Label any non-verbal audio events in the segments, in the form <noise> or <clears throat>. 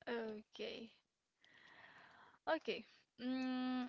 Okay. Okay. Mm,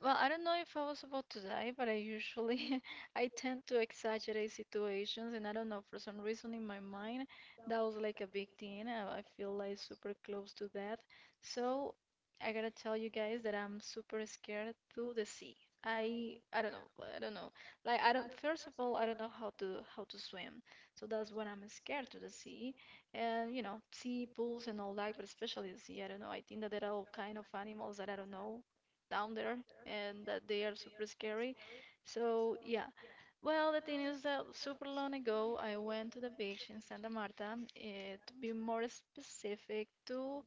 Well, I don't know if I was about to die, but I usually <laughs> I tend to exaggerate situations, and I don't know, for some reason in my mind that was like a big thing. I feel like super close to death, so I gotta tell you guys that I'm super scared to the sea. I don't know, I don't know, like I don't, first of all I don't know how to swim, so that's when I'm scared to the sea, and you know, sea pools and all that, but especially the sea. I don't know. I think that there are all kind of animals that I don't know down there, and that they are super scary. So yeah, well, the thing is that super long ago I went to the beach in Santa Marta, eh, to be more specific, to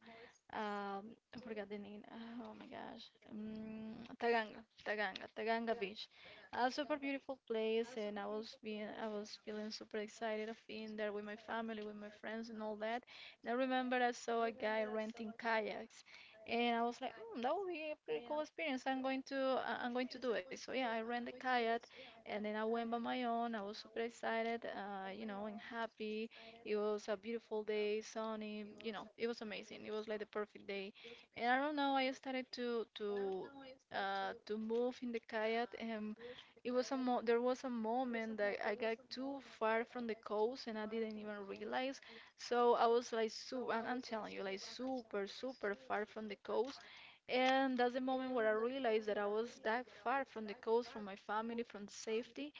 um, I forgot the name. Oh my gosh. Taganga, Taganga, Taganga Beach. A super beautiful place, and I was being, I was feeling super excited of being there with my family, with my friends, and all that. And I remember I saw a guy renting kayaks, and I was like, mm, that would be a pretty cool experience. I'm going to, I'm going to do it. So yeah, I rented a kayak, and then I went by my own. I was super excited, you know, and happy. It was a beautiful day, sunny, you know, it was amazing. It was like the perfect day. And I don't know, I started to to move in the kayak, and it was a mo there was a moment that I got too far from the coast and I didn't even realize. So I was like super, and I'm telling you, like super, super far from the coast. And that's the moment where I realized that I was that far from the coast, from my family, from safety.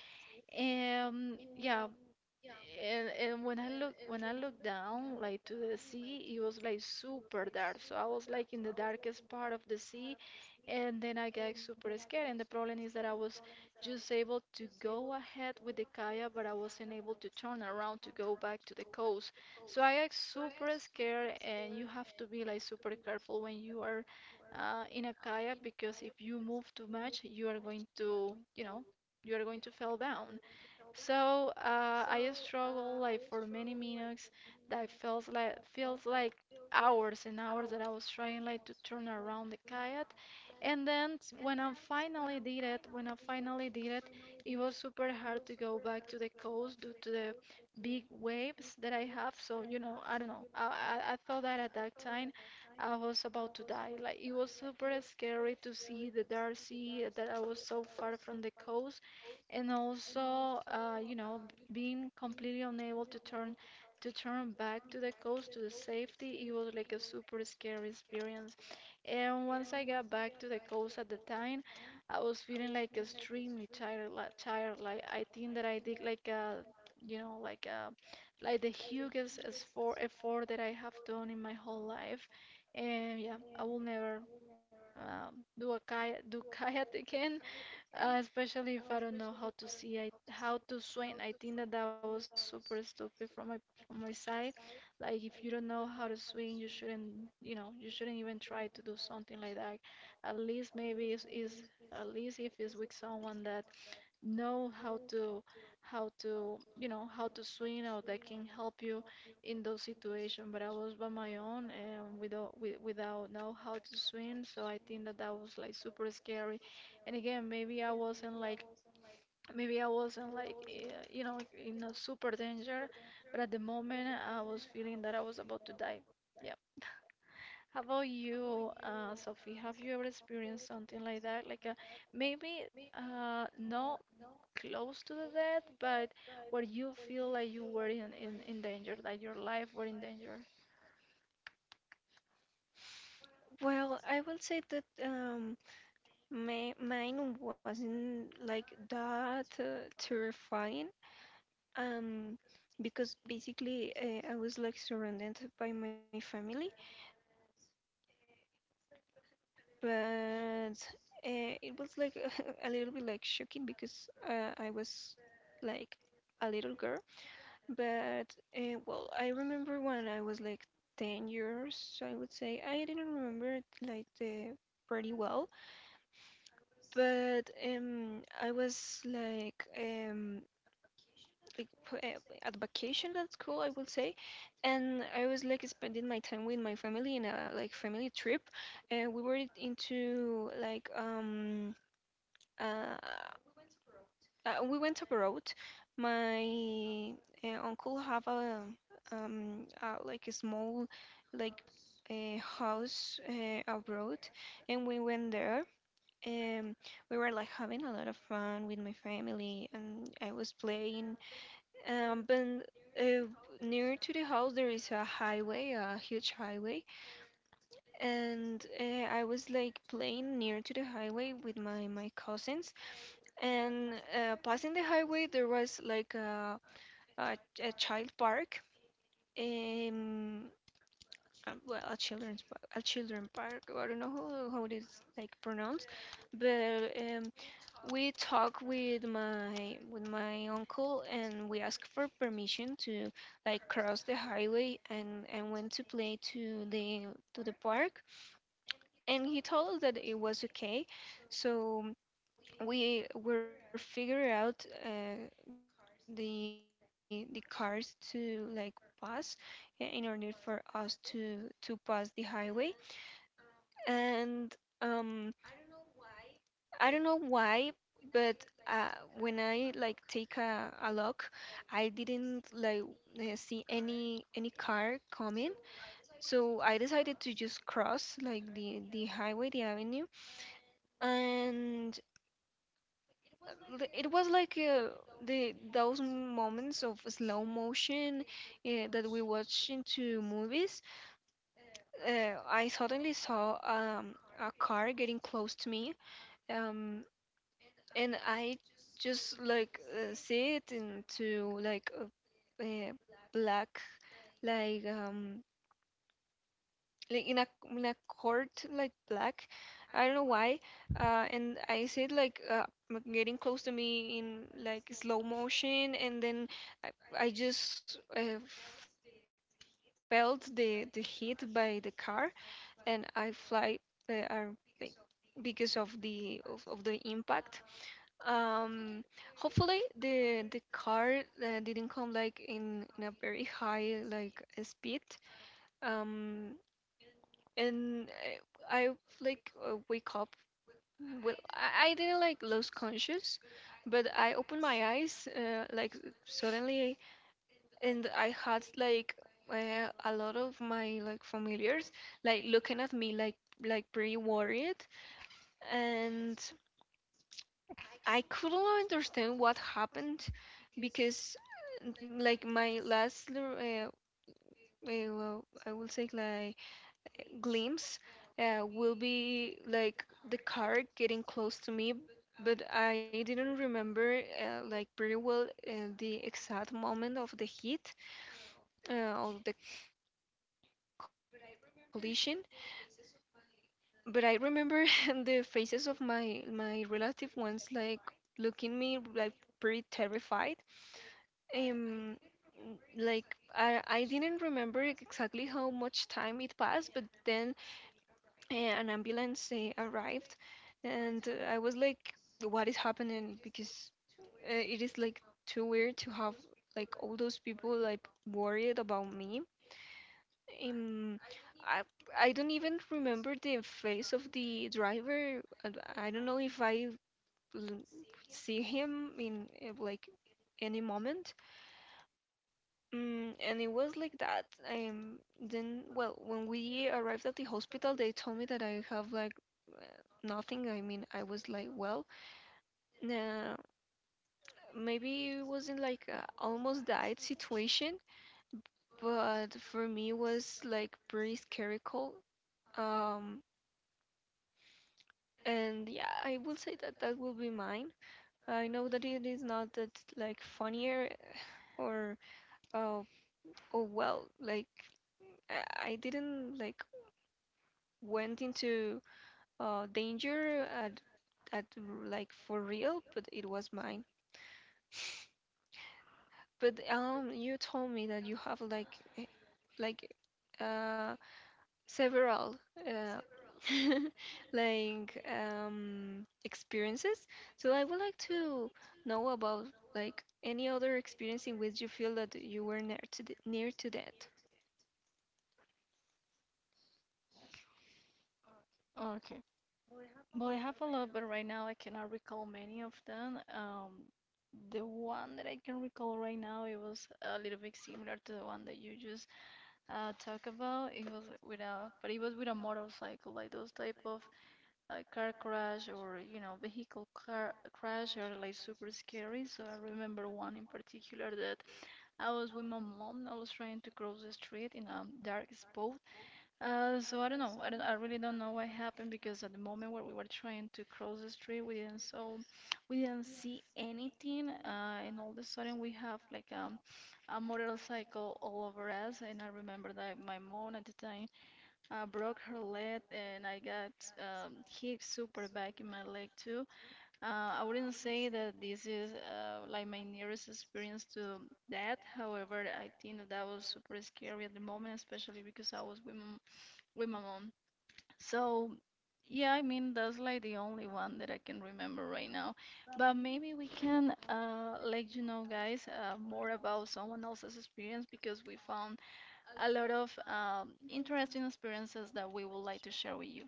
And yeah, and when I look when I looked down like to the sea, it was like super dark. So I was like in the darkest part of the sea, and then I got super scared. And the problem is that I was just able to go ahead with the kayak, but I wasn't able to turn around to go back to the coast. So I got super scared, and you have to be like super careful when you are in a kayak because if you move too much, you are going to, you know, you are going to fall down. So I struggled like for many minutes. That feels like hours and hours that I was trying like to turn around the kayak. And then when I finally did it, it was super hard to go back to the coast due to the big waves that I have. So you know, I don't know. I thought that at that time I was about to die. Like, it was super scary to see the dark sea, that I was so far from the coast, and also you know, being completely unable to turn back to the coast, to the safety. It was like a super scary experience, and once I got back to the coast, at the time I was feeling like extremely tired, like tired, like I think that I did like a, you know, like a, like the hugest effort that I have done in my whole life. And yeah, I will never do a kayak do <laughs> kayak again, especially if I don't know how to how to swim. I think that that was super stupid from my side. Like, if you don't know how to swim, you shouldn't, you know, you shouldn't even try to do something like that. At least maybe is at least if it's with someone that know how to you know, how to swim, or that can help you in those situations. But I was by my own and with, without know how to swim, so I think that that was like super scary. And again, maybe I wasn't like, maybe I wasn't like, eh, you know, in a super danger, but at the moment I was feeling that I was about to die. Yeah. How about you, Sophie? Have you ever experienced something like that? Like, maybe not close to the death, but where you feel like you were in danger, that your life were in danger. Okay. Well, I have a lot, but right now I cannot recall many of them. The one that I can recall right now, it was a little bit similar to the one that you just talked about. It was with a, but it was with a motorcycle, like those type of car crash, or you know, vehicle car crash are like super scary. So I remember one in particular that I was with my mom. I was trying to cross the street in a dark spot, so I don't know. I really don't know what happened because at the moment where we were trying to cross the street, we didn't see anything. And all of a sudden we have like a motorcycle all over us. And I remember that my mom at the time broke her leg, and I got hit super bad in my leg too. I wouldn't say that this is like my nearest experience to that. However, I think that that was super scary at the moment, especially because I was with my mom. So, yeah, I mean, that's like the only one that I can remember right now. But maybe we can let you know, guys, more about someone else's experience because we found a lot of interesting experiences that we would like to share with you.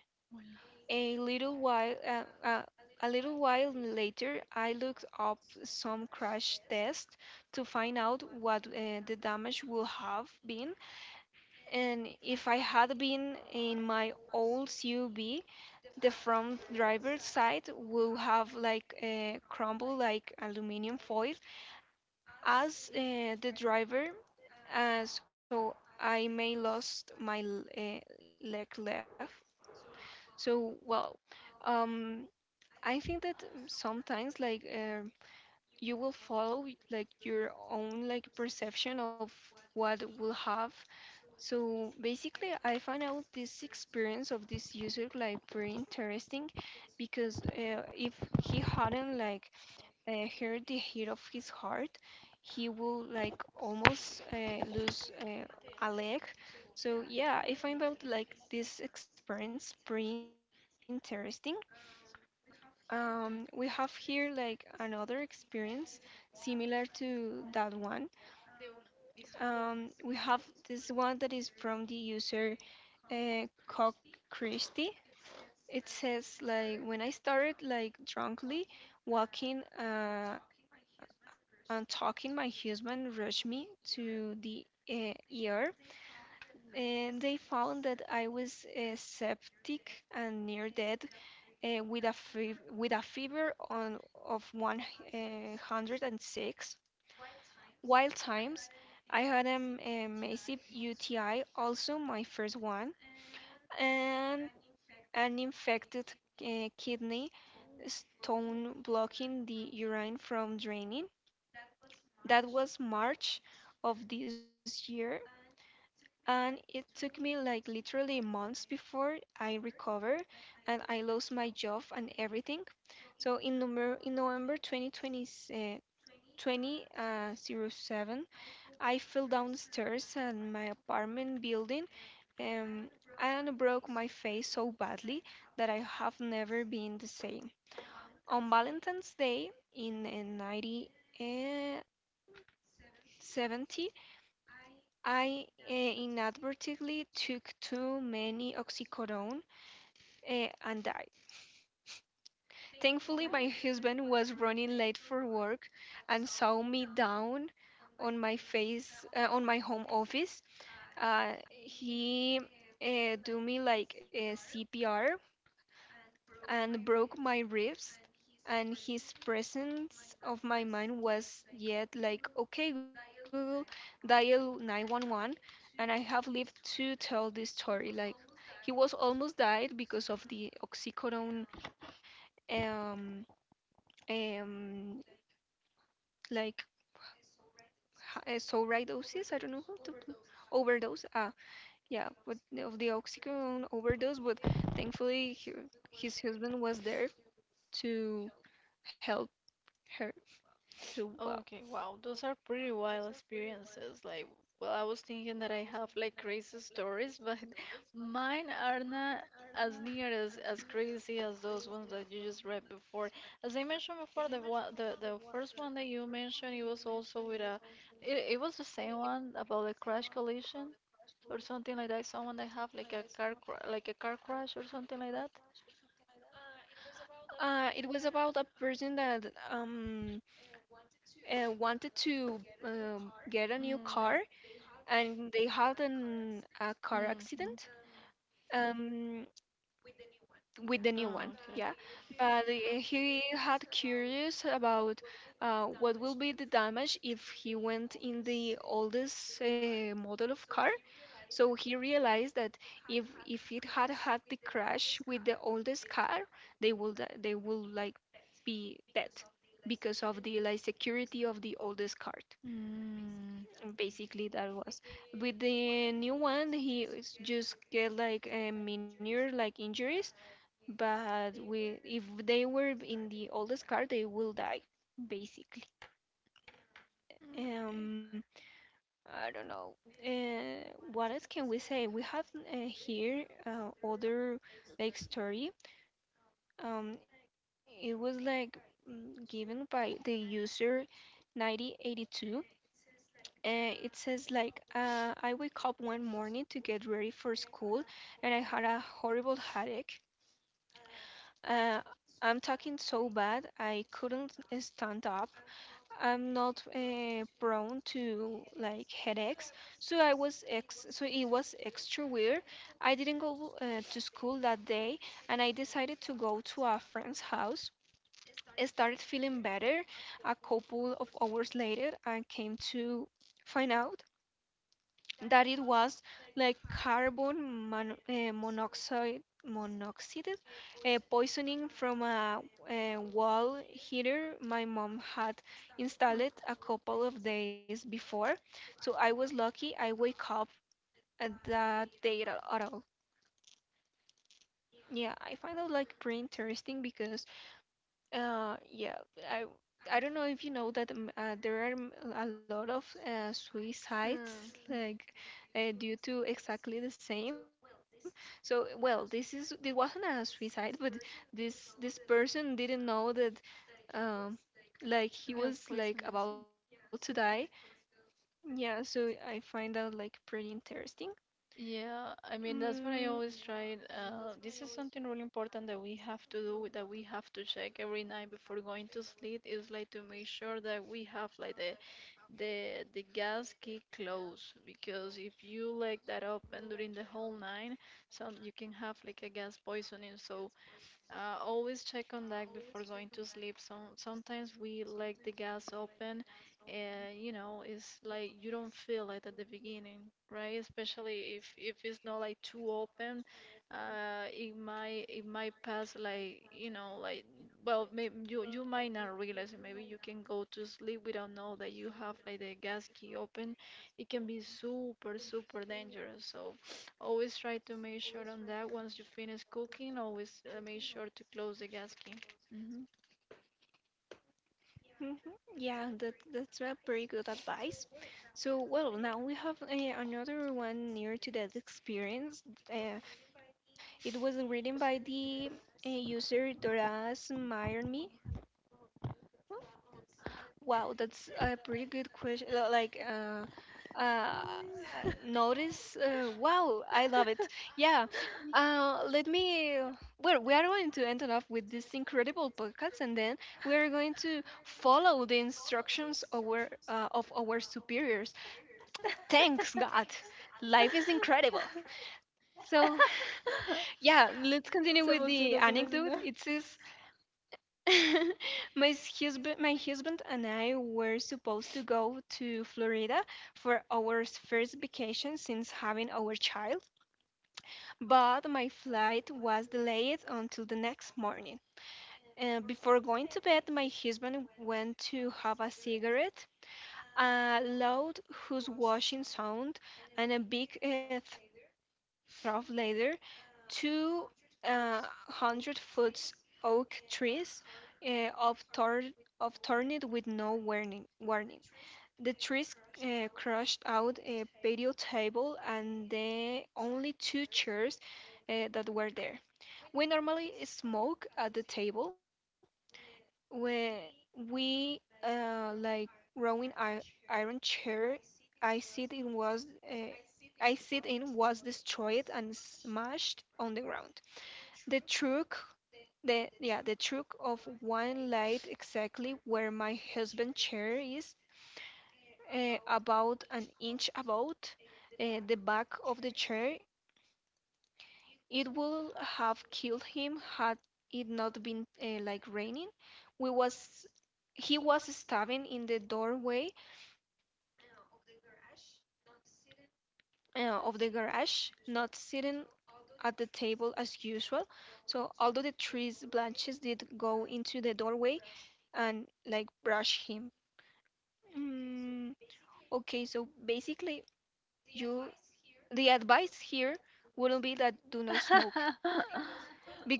Hola. Okay, wow, those are pretty wild experiences. Like, well, I was thinking that I have like crazy stories, but <laughs> mine are not as near as crazy as those ones that you just read before. As I mentioned before, the one, the first one that you mentioned, it was also with a, it was the same one about a crash collision or something like that. Someone that have like a car cra like a car crash or something like that. Mm. Mm-hmm. Oh, okay. Mm, okay. Uh. Mm, gas poisoning. Yeah, I mean, that's what I always try. This is something really important that we have to do, that we have to check every night before going to sleep, is like to make sure that we have like the gas key close, because if you let that open during the whole night, some you can have like a gas poisoning. So always check on that before going to sleep. Sometimes we let the gas open, and you know, it's like you don't feel it at the beginning, right? Especially if it's not like too open, it might, pass like, you know, like, well, maybe you, you might not realize it. Maybe you can go to sleep without know that you have like the gas key open. It can be super, super dangerous. So always try to make sure on that once you finish cooking, always make sure to close the gasket. Hmm <laughs> Se emociona, se emociona. <laughs>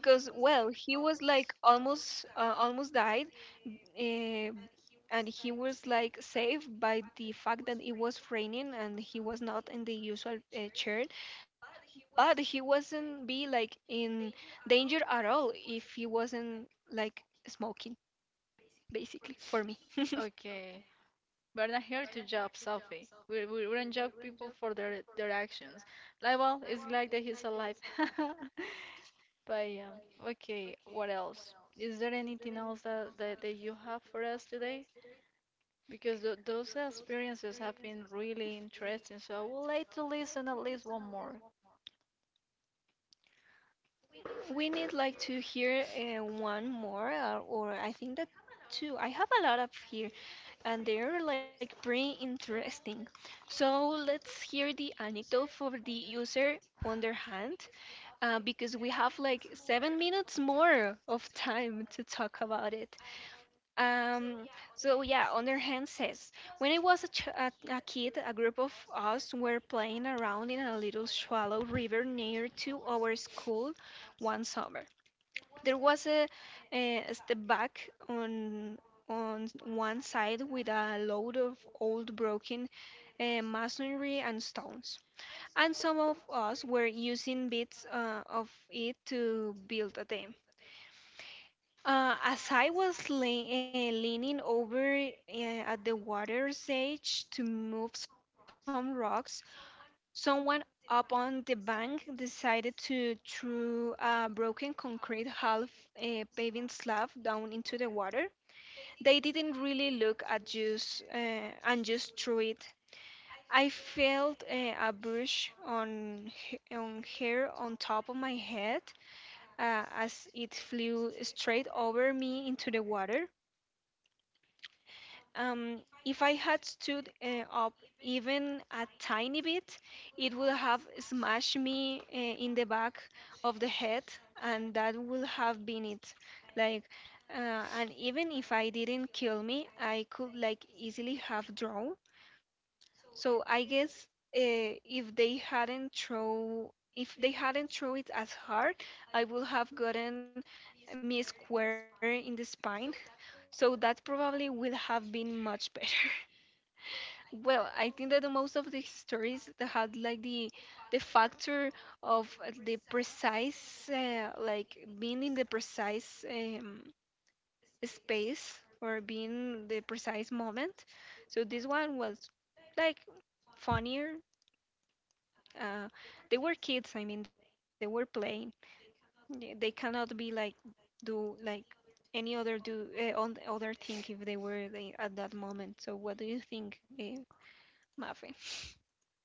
Okay, we're not here to judge Sophie. We don't judge people for their actions. Like, well, it's glad that he's alive. <laughs> But yeah, okay. What else? Is there anything else that, that you have for us today? Because those experiences have been really interesting, so I would like to listen at least one more.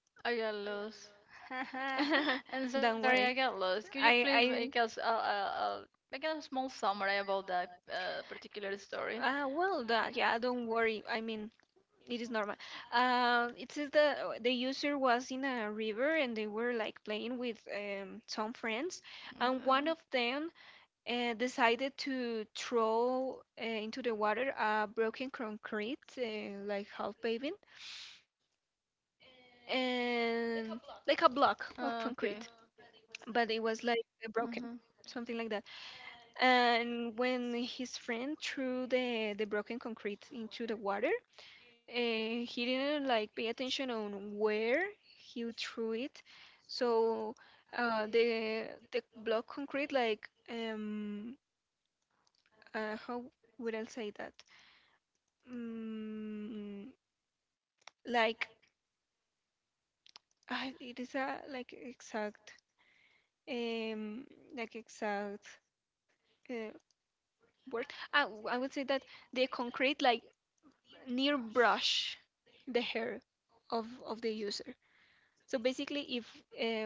I got lost. <laughs> I'm sorry, I got lost. Could you please make us a make a small summary about that particular story? Okay. Okay. Uh-huh.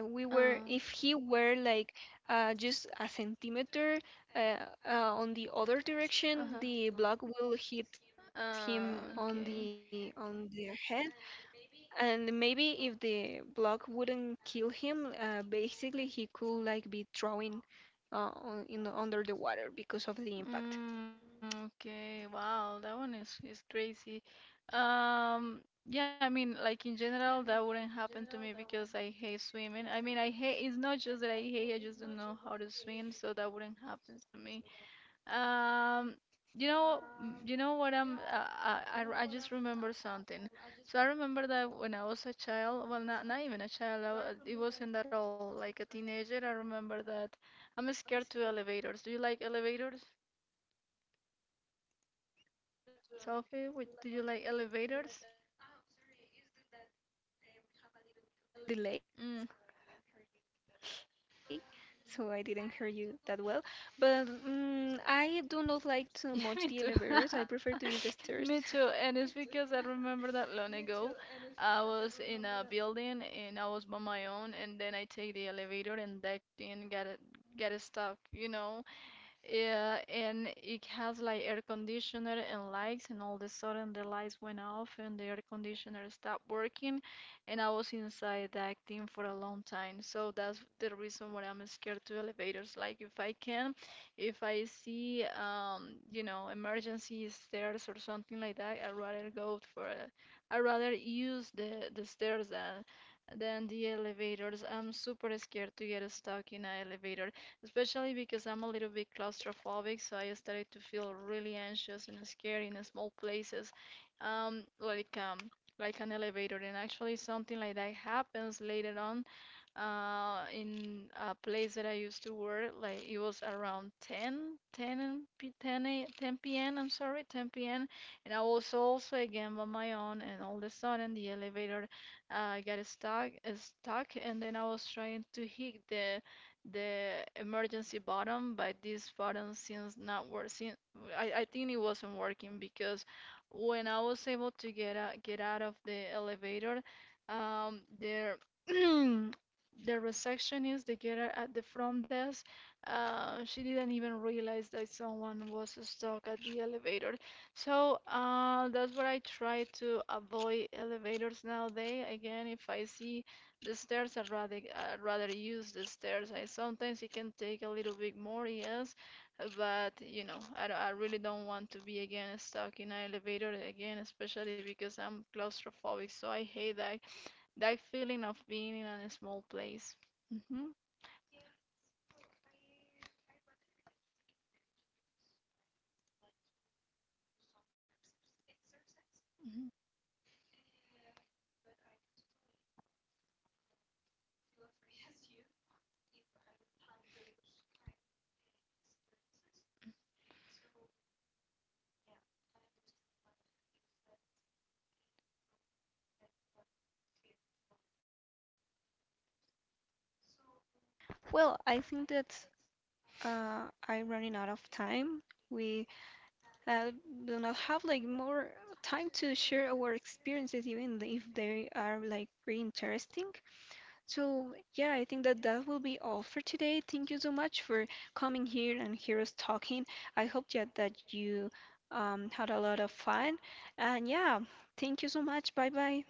Uh, uh-huh. Okay. Mm, okay, wow, that one is crazy. Um, yeah, I mean, like in general, that wouldn't happen to me because I hate swimming. I mean, I hate, it's not just that I hate, I just don't know how to swim, so that wouldn't happen to me. Um, you know, you know what I'm, I just remember something. So I remember that when I was a child, well, not even a child, it wasn't that all, like a teenager, I remember that I'm scared to elevators. Do you like elevators? Sophie, do you like elevators? Mm. <laughs> Yeah, me too. <laughs> Me too. And it's because I remember that long ago, I was in a building and I was by my own, and then I take the elevator and that thing got it stuck, you know. Yeah, and it has like air conditioner and lights, and all of a sudden the lights went off and the air conditioner stopped working, and I was inside that thing for a long time. So that's the reason why I'm scared to elevators. Like if I can, if I see you know, emergency stairs or something like that, I'd rather go for a, I'd rather use the stairs than the elevators. I'm super scared to get stuck in an elevator, especially because I'm a little bit claustrophobic, so I started to feel really anxious and scared in small places, um, like um, like an elevator. And actually, something like that happens later on in a place that I used to work. Like, it was around 10, 10 p.m. I'm sorry, 10 p.m. And I was also again by my own, and all of a sudden the elevator got stuck, and then I was trying to hit the emergency button, but this button seems not working. I think it wasn't working because when I was able to get out of the elevator, there <clears throat> the receptionist, the girl at the front desk, she didn't even realize that someone was stuck at the elevator. So that's what I try to avoid elevators nowadays. Again, if I see the stairs, I'd rather use the stairs. I Sometimes it can take a little bit more, yes, but you know, I really don't want to be again stuck in an elevator again, especially because I'm claustrophobic, so I hate that feeling of being in a small place. Hmm hmm Well, I think that I'm running out of time. We uh, do not have like more time to share our experiences, even if they are like pretty interesting. So yeah, I think that that will be all for today. Thank you so much for coming here and hear us talking. I hope that you had a lot of fun. And yeah, thank you so much. Bye bye.